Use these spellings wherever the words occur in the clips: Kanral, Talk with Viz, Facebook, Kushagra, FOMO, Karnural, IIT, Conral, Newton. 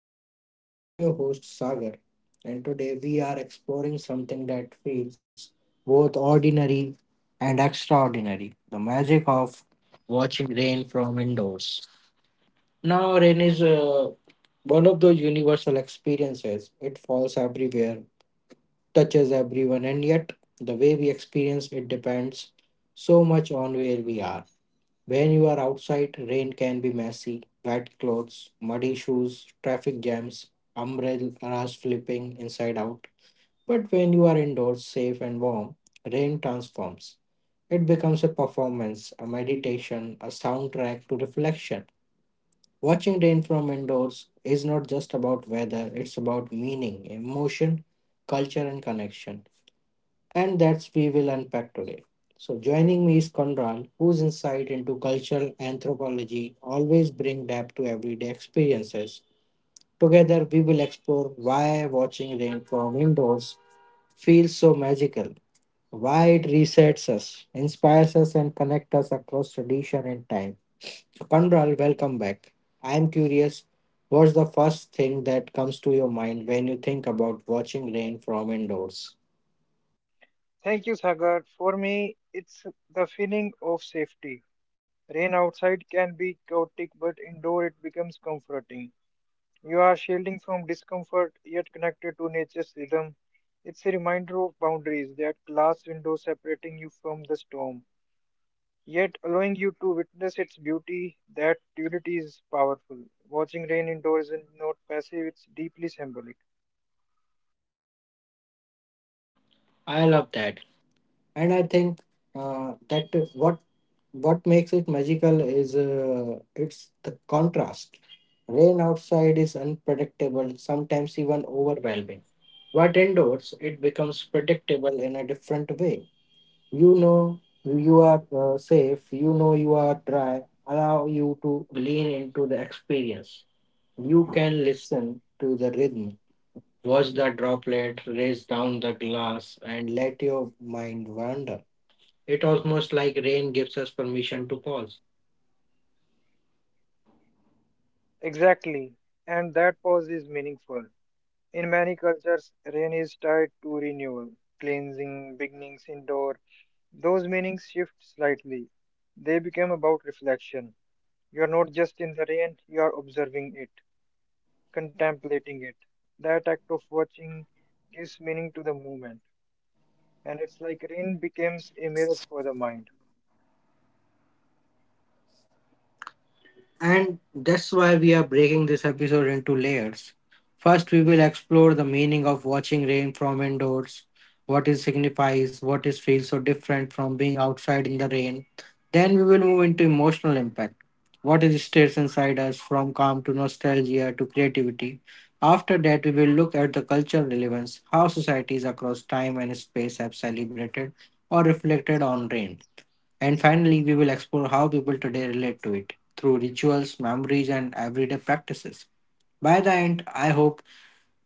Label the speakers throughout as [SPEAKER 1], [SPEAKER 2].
[SPEAKER 1] to Talk with Viz. I'm your host Sagar, and today we are exploring something that feels both ordinary and extraordinary the magic of watching rain from indoors. Now, rain is one of those universal experiences, it falls everywhere, touches everyone, and yet the way we experience it depends so much on where we are. When you are outside, rain can be messy, wet clothes, muddy shoes, traffic jams, umbrellas flipping inside out. But when you are indoors, safe and warm, rain transforms. It becomes a performance, a meditation, a soundtrack to reflection. Watching rain from indoors is not just about weather, it's about meaning, emotion, culture, and connection and that's we will unpack today. So joining me is Conral, whose insight into cultural anthropology always bring depth to everyday experiences. Together we will explore why watching rain from indoors feels so magical, why it resets us, inspires us and connects us across tradition and time. So Conral, welcome back. I am curious, what's the first thing that comes to your mind when you think about watching rain from indoors?
[SPEAKER 2] Thank you, Sagar. For me, it's the feeling of safety. Rain outside can be chaotic, but indoor it becomes comforting. You are shielding from discomfort yet connected to nature's rhythm. It's a reminder of boundaries, that glass window separating you from the storm, yet allowing you to witness its beauty. That duality is powerful. Watching rain indoors is not passive, it's deeply symbolic.
[SPEAKER 1] I love that and I think that what what makes it magical is it's the contrast rain outside is unpredictable sometimes even overwhelming but indoors it becomes predictable in a different way you know you are safe you know you are dry allow you to lean into the experience you can listen to the rhythm watch the droplet race down the glass and let your mind wander it almost like rain gives us permission to pause.
[SPEAKER 2] Exactly. And that pause is meaningful. In many cultures, rain is tied to renewal, cleansing, beginnings indoor. Those meanings shift slightly. They become about reflection. You are not just in the rain, you are observing it, contemplating it. That act of watching gives meaning to the moment, and it's like rain becomes a mirror for the mind.
[SPEAKER 1] And that's why we are breaking this episode into layers. First, we will explore the meaning of watching rain from indoors, what it signifies, what it feels so different from being outside in the rain. Then we will move into emotional impact. What it stays inside us from calm to nostalgia to creativity. After that, we will look at the cultural relevance, how societies across time and space have celebrated or reflected on rain. And finally, we will explore how people today relate to it through rituals, memories, and everyday practices. By the end, I hope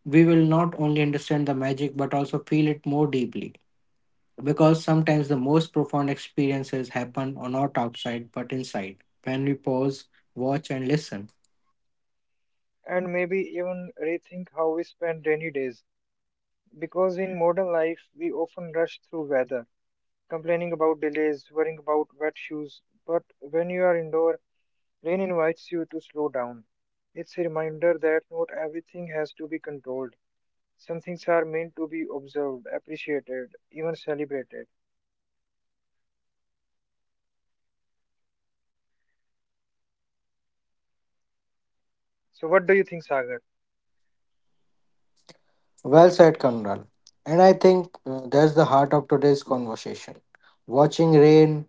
[SPEAKER 1] we will not only understand the magic but also feel it more deeply. Because sometimes the most profound experiences happen or not outside but inside when we pause, watch, and listen.
[SPEAKER 2] And maybe even rethink how we spend rainy days, because in modern life we often rush through weather complaining about delays, worrying about wet shoes. But when you are indoor, rain invites you to slow down. It's a reminder that not everything has to be controlled. Some things are meant to be observed, appreciated, even celebrated. So, what do you think, Sagar?
[SPEAKER 1] Well said, Kanral. And I think that's the heart of today's conversation. Watching rain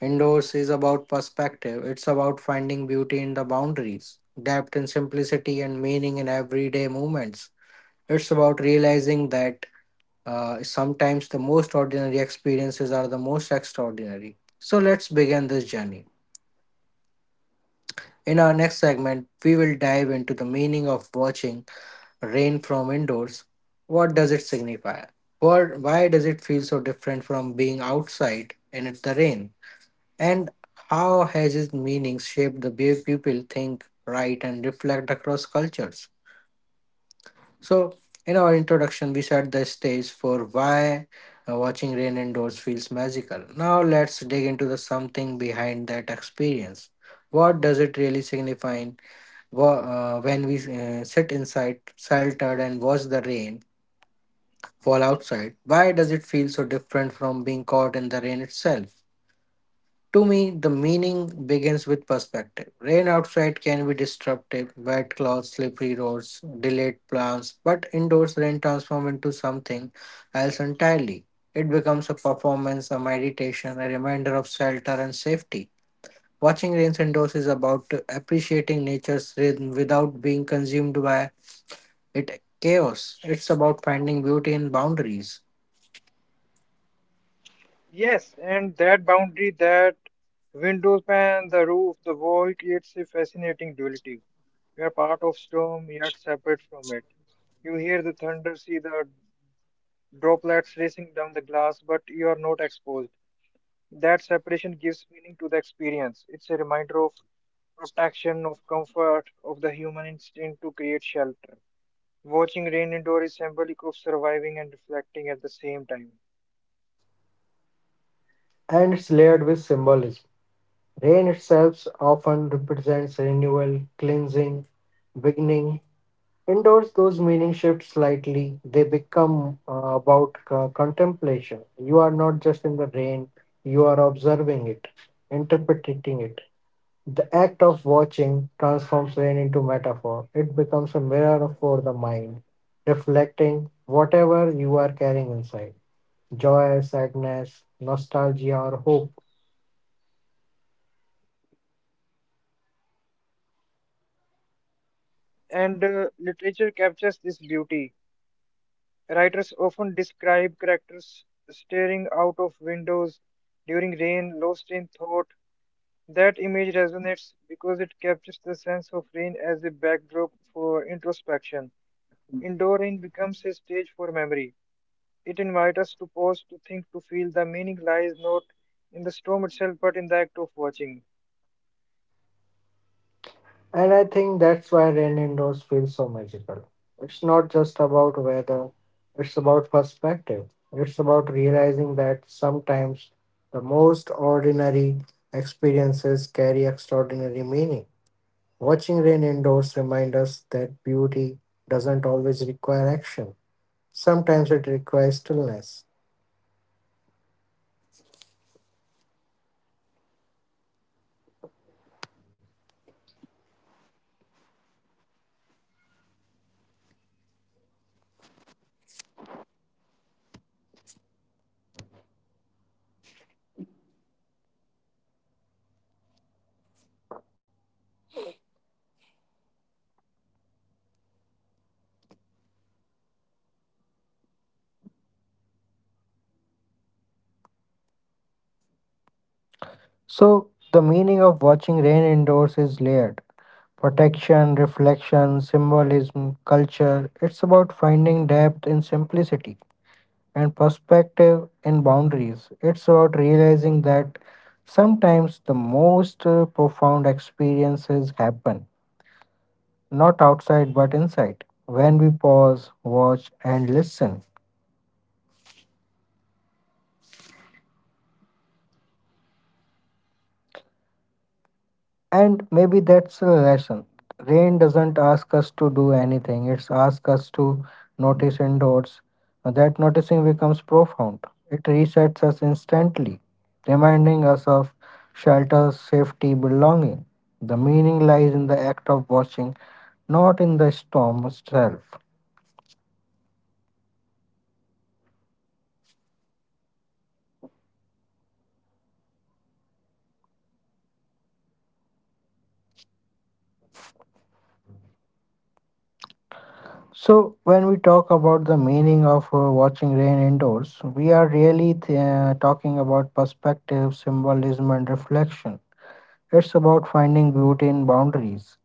[SPEAKER 1] indoors is about perspective, it's about finding beauty in the boundaries, depth in simplicity, and meaning in everyday moments. It's about realizing that sometimes the most ordinary experiences are the most extraordinary. So let's begin this journey. In our next segment, we will dive into the meaning of watching rain from indoors, what does it signify? What, why does it feel so different from being outside the rain? And how has its meaning shaped the way people think, write, and reflect across cultures? So, in our introduction, we set the stage for why watching rain indoors feels magical. Now, let's dig into the something behind that experience. What does it really signify? When we sit inside sheltered and watch the rain fall outside, why does it feel so different from being caught in the rain itself? To me, the meaning begins with perspective. Rain outside can be disruptive, wet clothes, slippery roads, delayed plans, but indoors rain transforms into something else entirely. It becomes a performance, a meditation, a reminder of shelter and safety. Watching rains indoors is about appreciating nature's rhythm without being consumed by it chaos. It's about finding beauty in boundaries.
[SPEAKER 2] Yes, and that boundary, that window pane, the roof, the wall creates a fascinating duality. You are part of storm, yet separate from it. You hear the thunder, see the droplets racing down the glass, but you are not exposed. That separation gives meaning to the experience. It's a reminder of protection, of comfort, of the human instinct to create shelter. Watching rain indoor is symbolic of surviving and reflecting at the same time.
[SPEAKER 1] And it's layered with symbolism. Rain itself often represents renewal, cleansing, beginning. Indoors, those meanings shift slightly. They become about contemplation. You are not just in the rain, you are observing it, interpreting it. The act of watching transforms rain into metaphor. It becomes a mirror for the mind, reflecting whatever you are carrying inside joy, sadness, nostalgia, or hope.
[SPEAKER 2] Yes, and literature captures this beauty. Writers often describe characters staring out of windows during rain, lost in thought, that image resonates because it captures the sense of rain as a backdrop for introspection. Indoor rain becomes a stage for memory. It invites us to pause, to think, to feel. The meaning lies not in the storm itself, but in the act of watching.
[SPEAKER 1] And I think that's why rain indoors feels so magical. It's not just about weather, it's about perspective. It's about realizing that sometimes the most ordinary experiences carry extraordinary meaning. Watching rain indoors reminds us that beauty doesn't always require action, sometimes it requires stillness.
[SPEAKER 2] And culturally, meaning vary, but average converge on the same truth. In some traditions, rain is seen as divine blessing. Indoor, that blessing becomes personal. You watch it fall, knowing it nourishes the earth, but you also feel gratitude for shelter.
[SPEAKER 1] So, the meaning of watching rain indoors
[SPEAKER 2] In
[SPEAKER 1] is
[SPEAKER 2] other
[SPEAKER 1] layered.
[SPEAKER 2] contexts, rain symbolizes
[SPEAKER 1] Protection, reflection,
[SPEAKER 2] melancholy.
[SPEAKER 1] symbolism,
[SPEAKER 2] Indoor,
[SPEAKER 1] culture.
[SPEAKER 2] that
[SPEAKER 1] It's about finding
[SPEAKER 2] melancholy
[SPEAKER 1] depth in
[SPEAKER 2] becomes
[SPEAKER 1] simplicity
[SPEAKER 2] safe. You can
[SPEAKER 1] and
[SPEAKER 2] feel sadness
[SPEAKER 1] perspective
[SPEAKER 2] without
[SPEAKER 1] in
[SPEAKER 2] being
[SPEAKER 1] boundaries. It's about
[SPEAKER 2] overwhelmed.
[SPEAKER 1] realizing
[SPEAKER 2] That
[SPEAKER 1] that
[SPEAKER 2] meaning adapts, but the magic
[SPEAKER 1] sometimes the
[SPEAKER 2] remains.
[SPEAKER 1] most profound experiences happen, not outside but inside, when we pause, watch, and listen. And maybe that's a lesson. Rain doesn't ask us to do anything, it's asks us to notice indoors. That noticing becomes profound. It resets us instantly, reminding us of shelter, safety, belonging. The meaning lies in the act of watching, not in the storm itself. So, when we talk about the meaning of watching rain indoors, we are really talking about perspective, symbolism, and reflection. It's about finding beauty in boundaries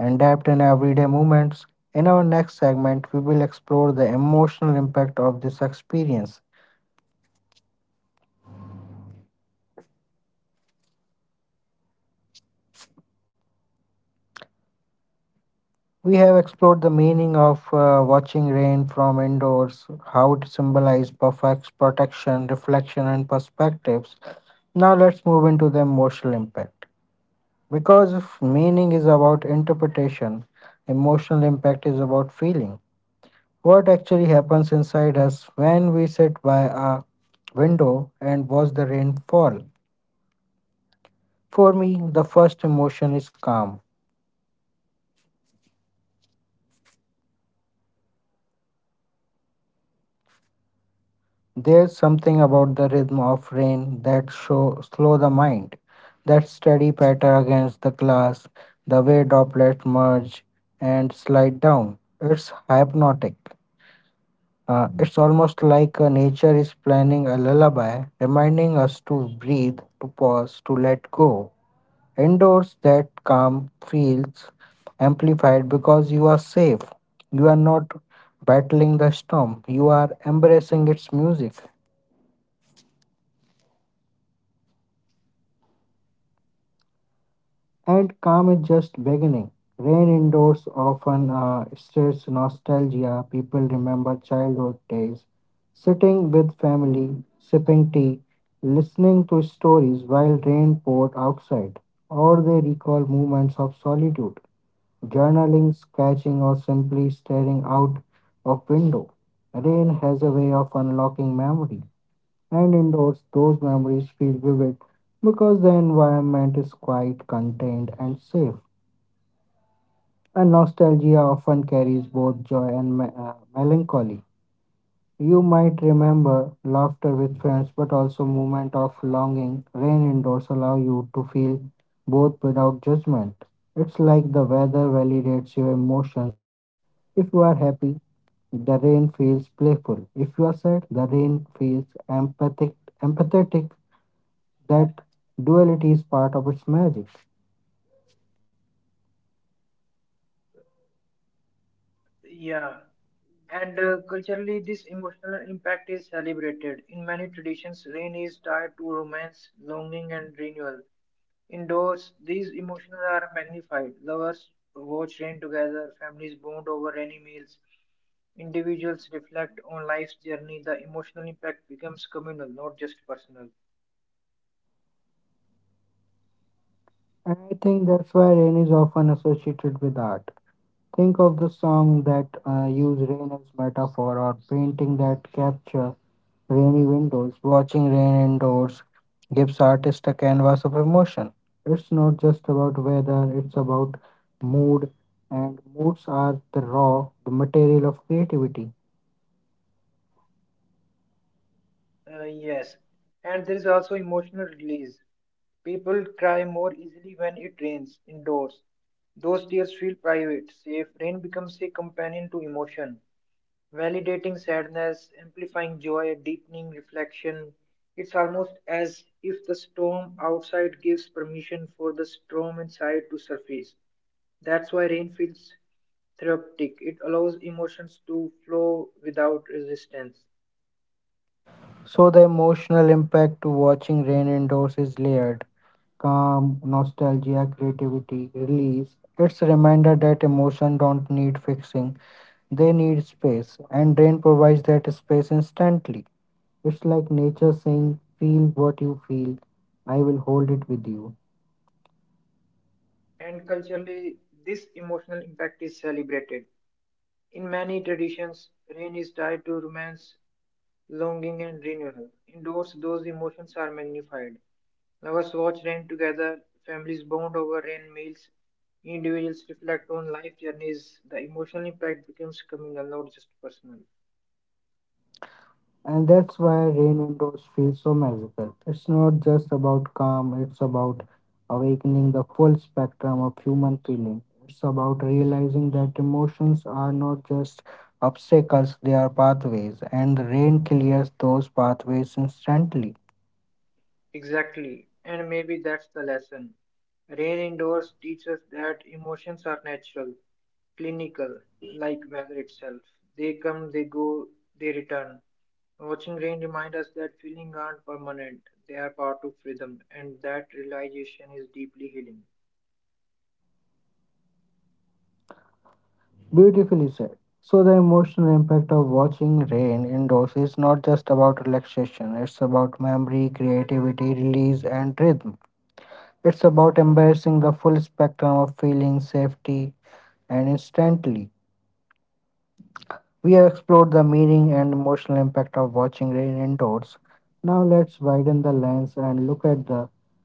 [SPEAKER 1] and depth in everyday moments. In our next segment, we will explore the emotional impact of this experience. We have explored the meaning of watching rain from indoors, how it symbolizes perfect protection, reflection, and perspectives. Now let's move into the emotional impact. Because if meaning is about interpretation, emotional impact is about feeling. What actually happens inside us when we sit by a window and watch the rain fall? For me, the first emotion is calm. There's something about the rhythm of rain that show slow the mind. That steady patter against the glass, the way droplets merge and slide down. It's hypnotic. It's almost like nature is planning a lullaby, reminding us to breathe, to pause, to let go. Indoors, that calm feels amplified because you are safe. You are not battling the storm, you are embracing its music. And calm is just beginning. Rain indoors often stirs nostalgia. People remember childhood days, sitting with family, sipping tea, listening to stories while rain poured outside, or they recall moments of solitude. Journaling, sketching, or simply staring out of window. Rain has a way of unlocking memory, and indoors those memories feel vivid because the environment is quite contained, and safe. And nostalgia often carries both joy and melancholy. You might remember laughter with friends, but also moment of longing. Rain indoors allow you to feel both without judgment. It's like the weather validates your emotions. If you are happy, the rain feels playful. If you are sad, the rain feels empathetic. That duality is part of its magic.
[SPEAKER 3] Yeah, and culturally, this emotional impact is celebrated. In many traditions, rain is tied to romance, longing, and renewal. Indoors, these emotions are magnified. Lovers watch rain together, families bond over rainy meals, individuals reflect on life's journey. The emotional impact becomes communal, not just personal.
[SPEAKER 1] And I think that's why rain is often associated with art. Think of the song that use rain as metaphor or painting that capture rainy windows. Watching rain indoors gives artists a canvas of emotion. It's not just about weather, it's about mood, and moods are the raw, the material of creativity.
[SPEAKER 3] Yes, and there is also emotional release. People cry more easily when it rains indoors. Those tears feel private, safe. Rain becomes a companion to emotion, validating sadness, amplifying joy, deepening reflection. It's almost as if the storm outside gives permission for the storm inside to surface. That's why rain feels therapeutic. It allows emotions to flow without resistance.
[SPEAKER 1] So, the emotional impact to watching rain indoors is layered calm, nostalgia, creativity, release. It's a reminder that emotions don't need fixing, they need space, and rain provides that space instantly. It's like nature saying, "Feel what you feel, I will hold it with you."
[SPEAKER 3] And culturally, this emotional impact is celebrated. In many traditions, rain is tied to romance, longing, and renewal. Indoors, those emotions are magnified. Lovers watch rain together, families bond over rain meals, individuals reflect on life journeys. The emotional impact becomes communal, not just personal.
[SPEAKER 1] And that's why rain windows feel so magical. It's not just about calm, it's about awakening the full spectrum of human feeling. It's about realizing that emotions are not just obstacles, they are pathways, and the rain clears those pathways instantly.
[SPEAKER 3] Exactly. And maybe that's the lesson. Rain indoors teaches that emotions are natural, clinical, like weather itself. They come, they go, they return. Watching rain reminds us that feelings aren't permanent, they are part of rhythm, and that realization is deeply healing.
[SPEAKER 1] Beautifully said. So, the emotional impact of watching rain indoors is not just about relaxation, it's about memory, creativity, release, and rhythm. It's about embracing the full spectrum of feeling, safety, and instantly. We have explored the meaning and emotional impact of watching rain indoors. Now let's widen the lens and look at the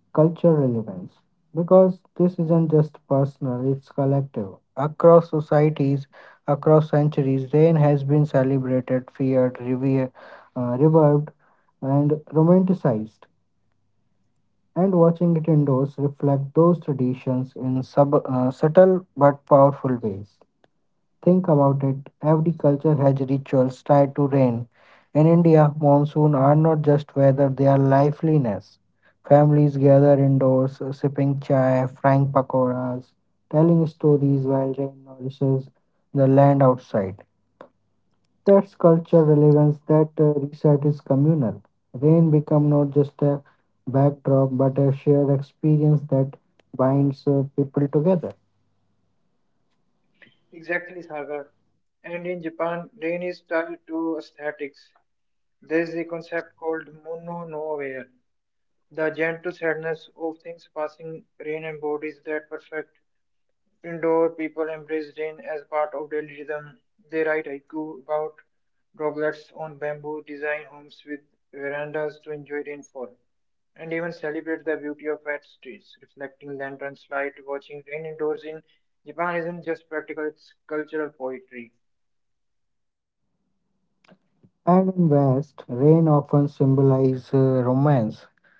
[SPEAKER 1] cultural relevance. Because this isn't just personal, it's collective. Across societies, across centuries, rain has been celebrated, feared, revered, and romanticized. And watching it indoors reflects those traditions in subtle but powerful ways. Think about it. Every culture has rituals tied to rain. In India, monsoon are not just weather, they are liveliness. Families gather indoors, sipping chai, frying pakoras, telling stories while rain nourishes the land outside. That's culture relevance, that reset is communal. Rain become not just a backdrop but a shared experience that binds people together.
[SPEAKER 3] Exactly, Sagar. And in Japan, rain is tied to aesthetics. There is a concept called mono no wear, the gentle sadness of things passing rain embodies that perfect. Indoor people embrace rain as part of daily rhythm. They write haiku about droplets on bamboo, design homes with verandas to enjoy rainfall, and even celebrate the beauty of wet streets, reflecting lanterns light. Watching rain indoors in Japan isn't just practical, it's cultural poetry.
[SPEAKER 1] And in West, rain often symbolizes romance.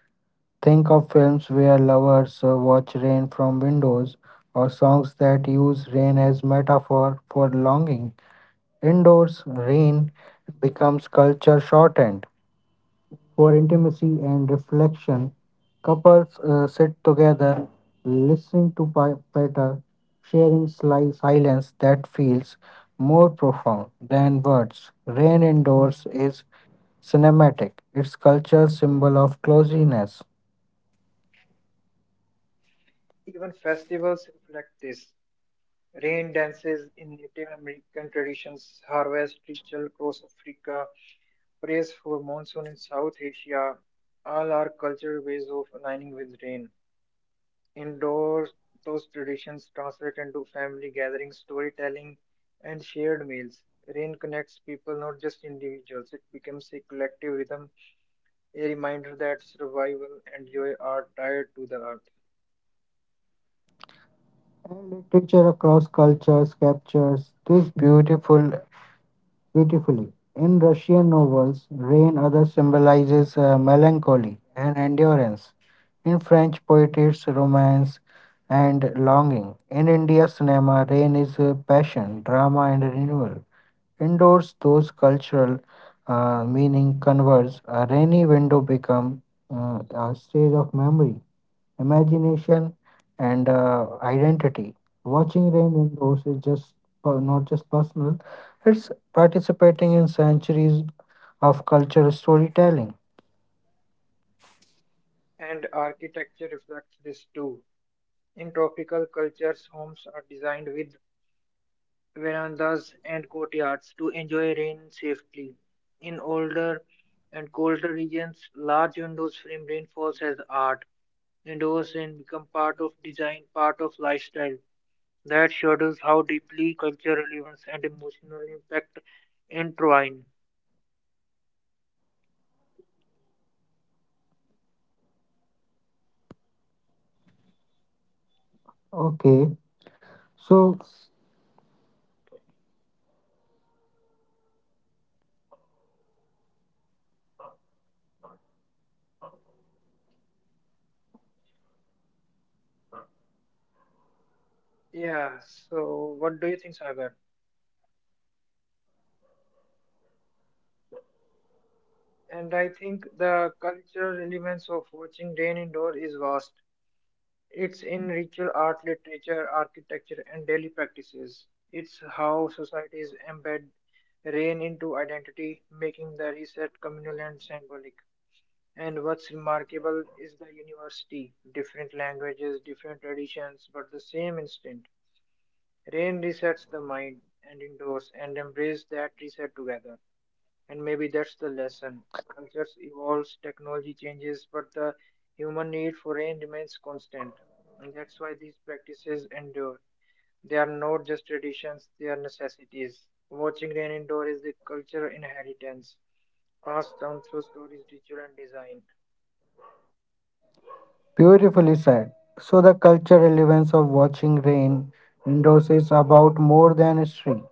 [SPEAKER 1] Think of films where lovers watch rain from windows, or songs that use rain as metaphor for longing. Indoors, rain becomes culture shorthand for intimacy and reflection. Couples sit together, listening to patter, sharing sly silence that feels more profound than words. Rain indoors is cinematic, its culture symbol of closeness,
[SPEAKER 3] Even festivals reflect this. Rain dances in Native American traditions, harvest ritual across Africa, praise for monsoon in South Asia, all are cultural ways of aligning with rain. Indoors, those traditions translate into family gatherings, storytelling, and shared meals. Rain connects people, not just individuals. It becomes a collective rhythm, a reminder that survival and joy are tied to the earth.
[SPEAKER 1] and literature across cultures captures beautifully. In Russian novels, rain other symbolizes melancholy and endurance. In French poetry, it's romance and longing. In India cinema, rain is passion, drama, and renewal. Indoors, those cultural meaning converse. A rainy window become a stage of memory, imagination, and identity. Watching rain indoors is not just personal; it's participating in centuries of cultural storytelling.
[SPEAKER 3] And architecture reflects this too. In tropical cultures, homes are designed with verandas and courtyards to enjoy rain safely. In older and colder regions, large windows frame rainfalls as art. Indoors rain become part of design, part of lifestyle. That shows how deeply cultural events and emotional impact entwine.
[SPEAKER 1] Okay, so
[SPEAKER 3] Yeah, so what do you think, Sagar? And I think the cultural relevance of watching rain indoor is vast. It's in ritual art, literature, architecture, and daily practices. It's how societies embed rain into identity, making the reset communal and symbolic. And what's remarkable is the university different languages, different traditions, but the same instinct. Rain resets the mind and indoors and embrace that reset together. And maybe that's the lesson. Cultures evolves, technology changes, but the human need for rain remains constant. And that's why these practices endure. They are not just traditions, they are necessities. Watching rain indoor is the cultural inheritance, passed down through stories, ritual, and design.
[SPEAKER 1] beautifully said. So the cultural relevance of watching rain indoors is about more than history.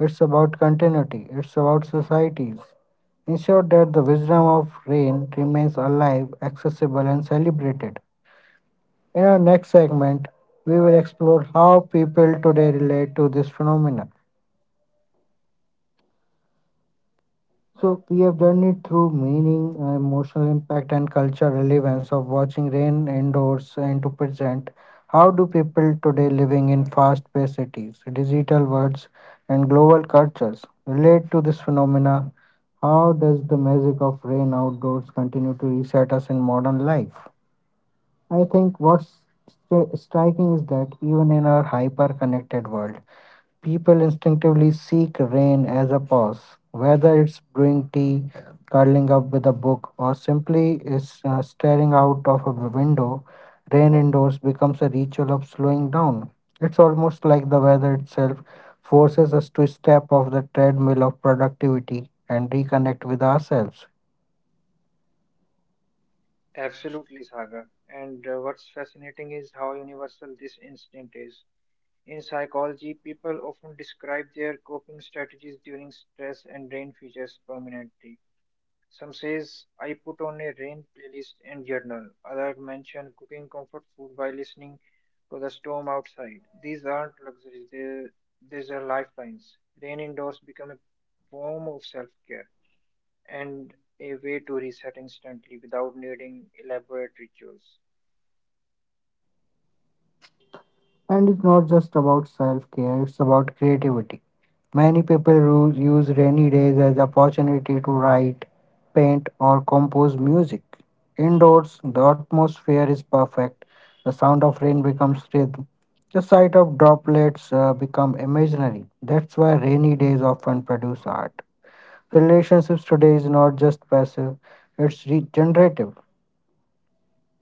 [SPEAKER 1] It's about continuity. It's about societies. Ensure that the wisdom of rain remains alive, accessible, and celebrated. In our next segment, we will explore how people today relate to this phenomenon. So, we have journeyed through meaning, emotional impact, and cultural relevance of watching rain indoors, and to present, how do people today living in fast paced cities, digital worlds, and global cultures relate to this phenomena? How does the magic of rain outdoors continue to reset us in modern life? I think what's striking is that even in our hyper connected world, people instinctively seek rain as a pause, whether it's brewing tea, curling up with a book, or simply is staring out of a window. Rain indoors becomes a ritual of slowing down. It's almost like the weather itself forces us to step off the treadmill of productivity and reconnect with ourselves.
[SPEAKER 3] Absolutely, Sagar. And what's fascinating is how universal this instinct is. In psychology, people often describe their coping strategies during stress and rain features prominently. Some says I put on a rain playlist and journal. Others mention cooking comfort food by listening to the storm outside. These aren't luxuries; these are lifelines. Rain indoors become a form of self-care and a way to reset instantly without needing elaborate rituals.
[SPEAKER 1] And it's not just about self care, it's about creativity. Many people use rainy days as opportunity to write, paint or compose music. Indoors, the atmosphere is perfect. The sound of rain becomes rhythm. The sight of droplets become imaginary. That's why rainy days often produce art. Relationships today is not just passive, it's regenerative.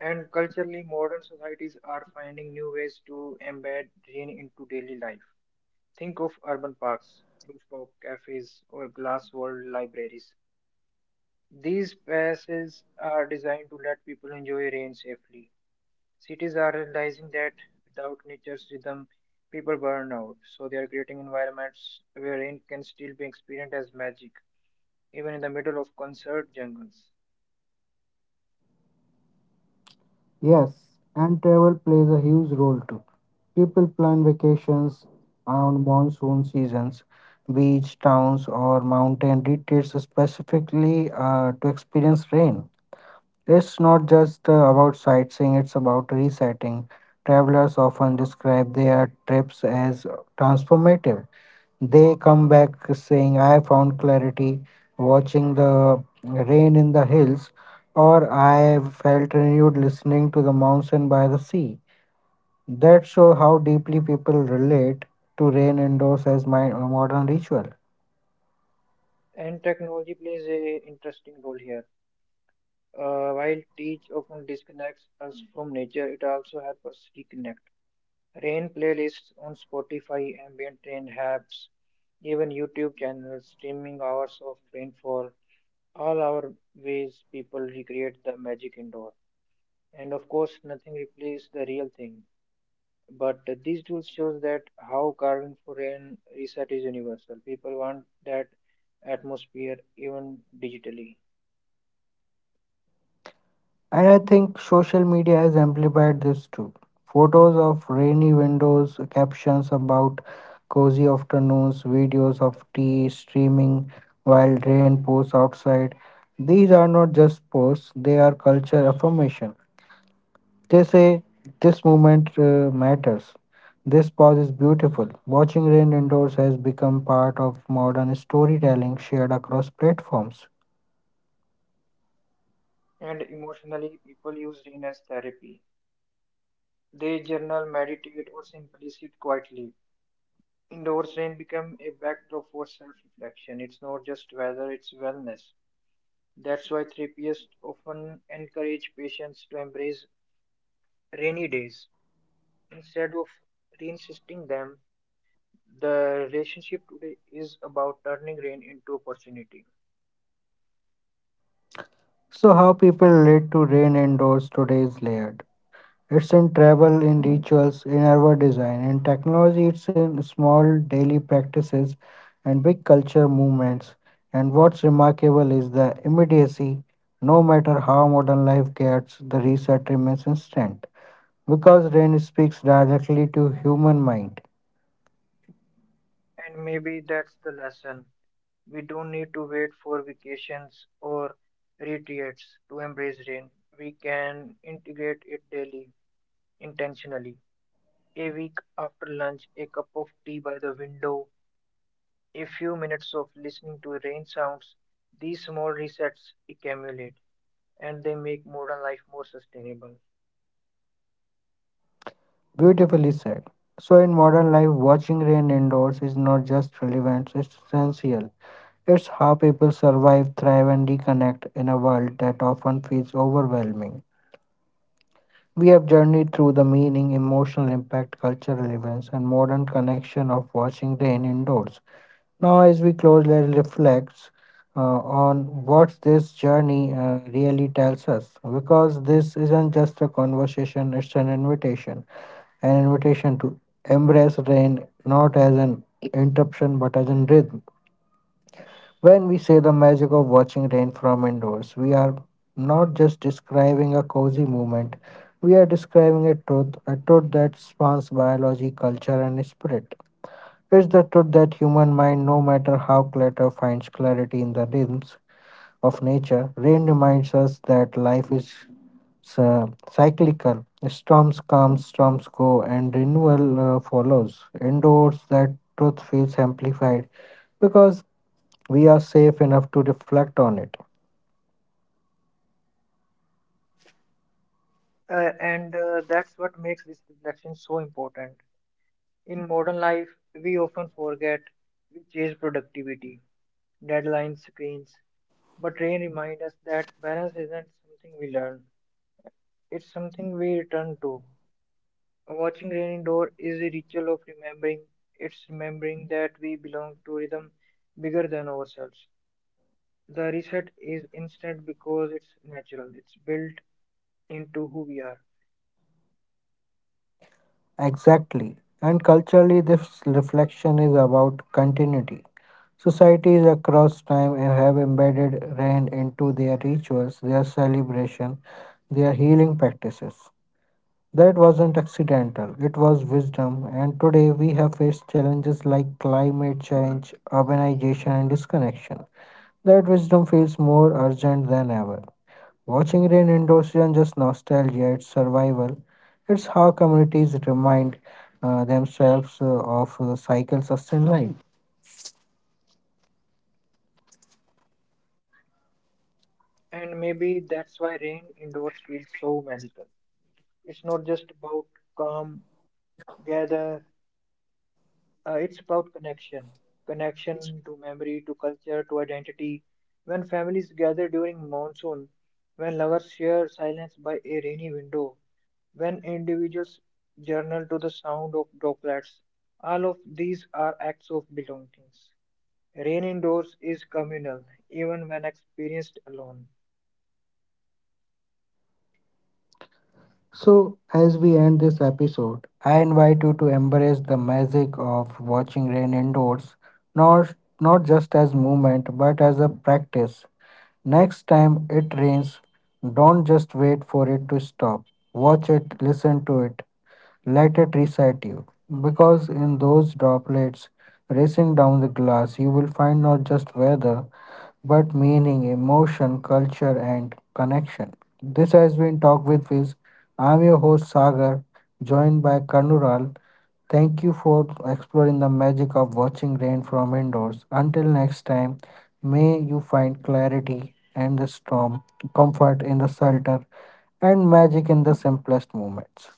[SPEAKER 3] And culturally, modern societies are finding new ways to embed rain into daily life. Think of urban parks, rooftop cafes, or glass walled libraries. These passes are designed to let people enjoy rain safely. Cities are realizing that without nature's rhythm, people burn out, so they are creating environments where rain can still be experienced as magic, even in the middle of concert jungles.
[SPEAKER 1] Yes, and travel plays a huge role too. People plan vacations around monsoon seasons. Beach towns or mountain retreats specifically to experience rain. It's not just about sightseeing, it's about resetting. Travelers often describe their trips as transformative. They come back saying, I found clarity watching the rain in the hills, or I felt renewed listening to the mountain by the sea. That shows how deeply people relate to rain indoors as my a modern ritual.
[SPEAKER 3] And technology plays a interesting role here. While teach often disconnects us from nature, it also helps us reconnect. Rain playlists on Spotify, ambient rain apps, even YouTube channels streaming hours of rainfall all our ways people recreate the magic indoor. And of course, nothing replaces the real thing. But these tools shows that how carving for an reset is universal. People want that atmosphere even digitally.
[SPEAKER 1] And I think social media has amplified this too. Photos of rainy windows, captions about cozy afternoons, videos of tea streaming while rain pours outside. These are not just posts, they are culture affirmation. They say this moment matters. This pause is beautiful. Watching rain indoors has become part of modern storytelling shared across platforms.
[SPEAKER 3] And emotionally, people use rain as therapy. They journal, meditate, or simply sit quietly. Indoors, rain become a backdrop for self-reflection. It's not just weather, it's wellness. That's why therapists often encourage patients to embrace rainy days. Instead of reinsisting them, the relationship today is about turning rain into opportunity.
[SPEAKER 1] So, how people relate to rain indoors today is layered. It's in travel, in rituals, in urban design, in technology, it's in small daily practices and big culture movements. And what's remarkable is the immediacy. No matter how modern life gets, the reset remains instant. Because rain speaks directly to human mind.
[SPEAKER 3] And maybe that's the lesson. We don't need to wait for vacations or retreats to embrace rain. We can integrate it daily, intentionally. A week after lunch, a cup of tea by the window, a few minutes of listening to rain sounds. These small resets accumulate and they make modern life more sustainable.
[SPEAKER 1] Beautifully said. So in modern life, watching rain indoors is not just relevant, it's essential. It's how people survive, thrive, and reconnect in a world that often feels overwhelming. We have journeyed through the meaning, emotional impact, cultural events, and modern connection of watching rain indoors. Now, as we close, let's reflect on what this journey really tells us. Because this isn't just a conversation, it's an invitation. An invitation to embrace rain not as an interruption but as a rhythm. When we say the magic of watching rain from indoors, we are not just describing a cozy moment, we are describing a truth that spans biology, culture, and spirit. It's the truth that human mind, no matter how clutter, finds clarity in the rhythms of nature. Rain reminds us that life is cyclical. Storms come, storms go, and renewal follows. Indoors, that truth feels amplified because we are safe enough to reflect on it.
[SPEAKER 3] And that's what makes this reflection so important. In modern life, we often forget we chase productivity, deadlines, screens, but rain reminds us that balance isn't something we learn, it's something we return to. Watching rain indoor is a ritual of remembering, it's remembering that we belong to rhythm bigger than ourselves. The reset is instant because it's natural, it's built into who we are.
[SPEAKER 1] Exactly. And culturally, this reflection is about continuity. Societies across time have embedded rain into their rituals, their celebration, their healing practices. That wasn't accidental, it was wisdom, and today we have faced challenges like climate change, urbanization, and disconnection. That wisdom feels more urgent than ever. Watching rain indoors isn't just nostalgia, it's survival. It's how communities remind themselves of the cycles of sunlight.
[SPEAKER 3] And maybe that's why rain indoors feels so magical. It's not just about calm, gather, it's about connection. Connection to memory, to culture, to identity. When families gather during monsoon, when lovers share silence by a rainy window, when individuals journal to the sound of droplets, all of these are acts of belongings. Rain indoors is communal, even when experienced alone.
[SPEAKER 1] So, as we end this episode, I invite you to embrace the magic of watching rain indoors, not, not just as movement but as a practice. Next time it rains, don't just wait for it to stop. Watch it, listen to it, let it reset you. Because in those droplets racing down the glass, you will find not just weather but meaning, emotion, culture, and connection. This has been Talk with Viz. I'm your host Sagar, joined by Karnural. Thank you for exploring the magic of watching rain from indoors. Until next time, may you find clarity and the storm, comfort in the shelter, and magic in the simplest moments.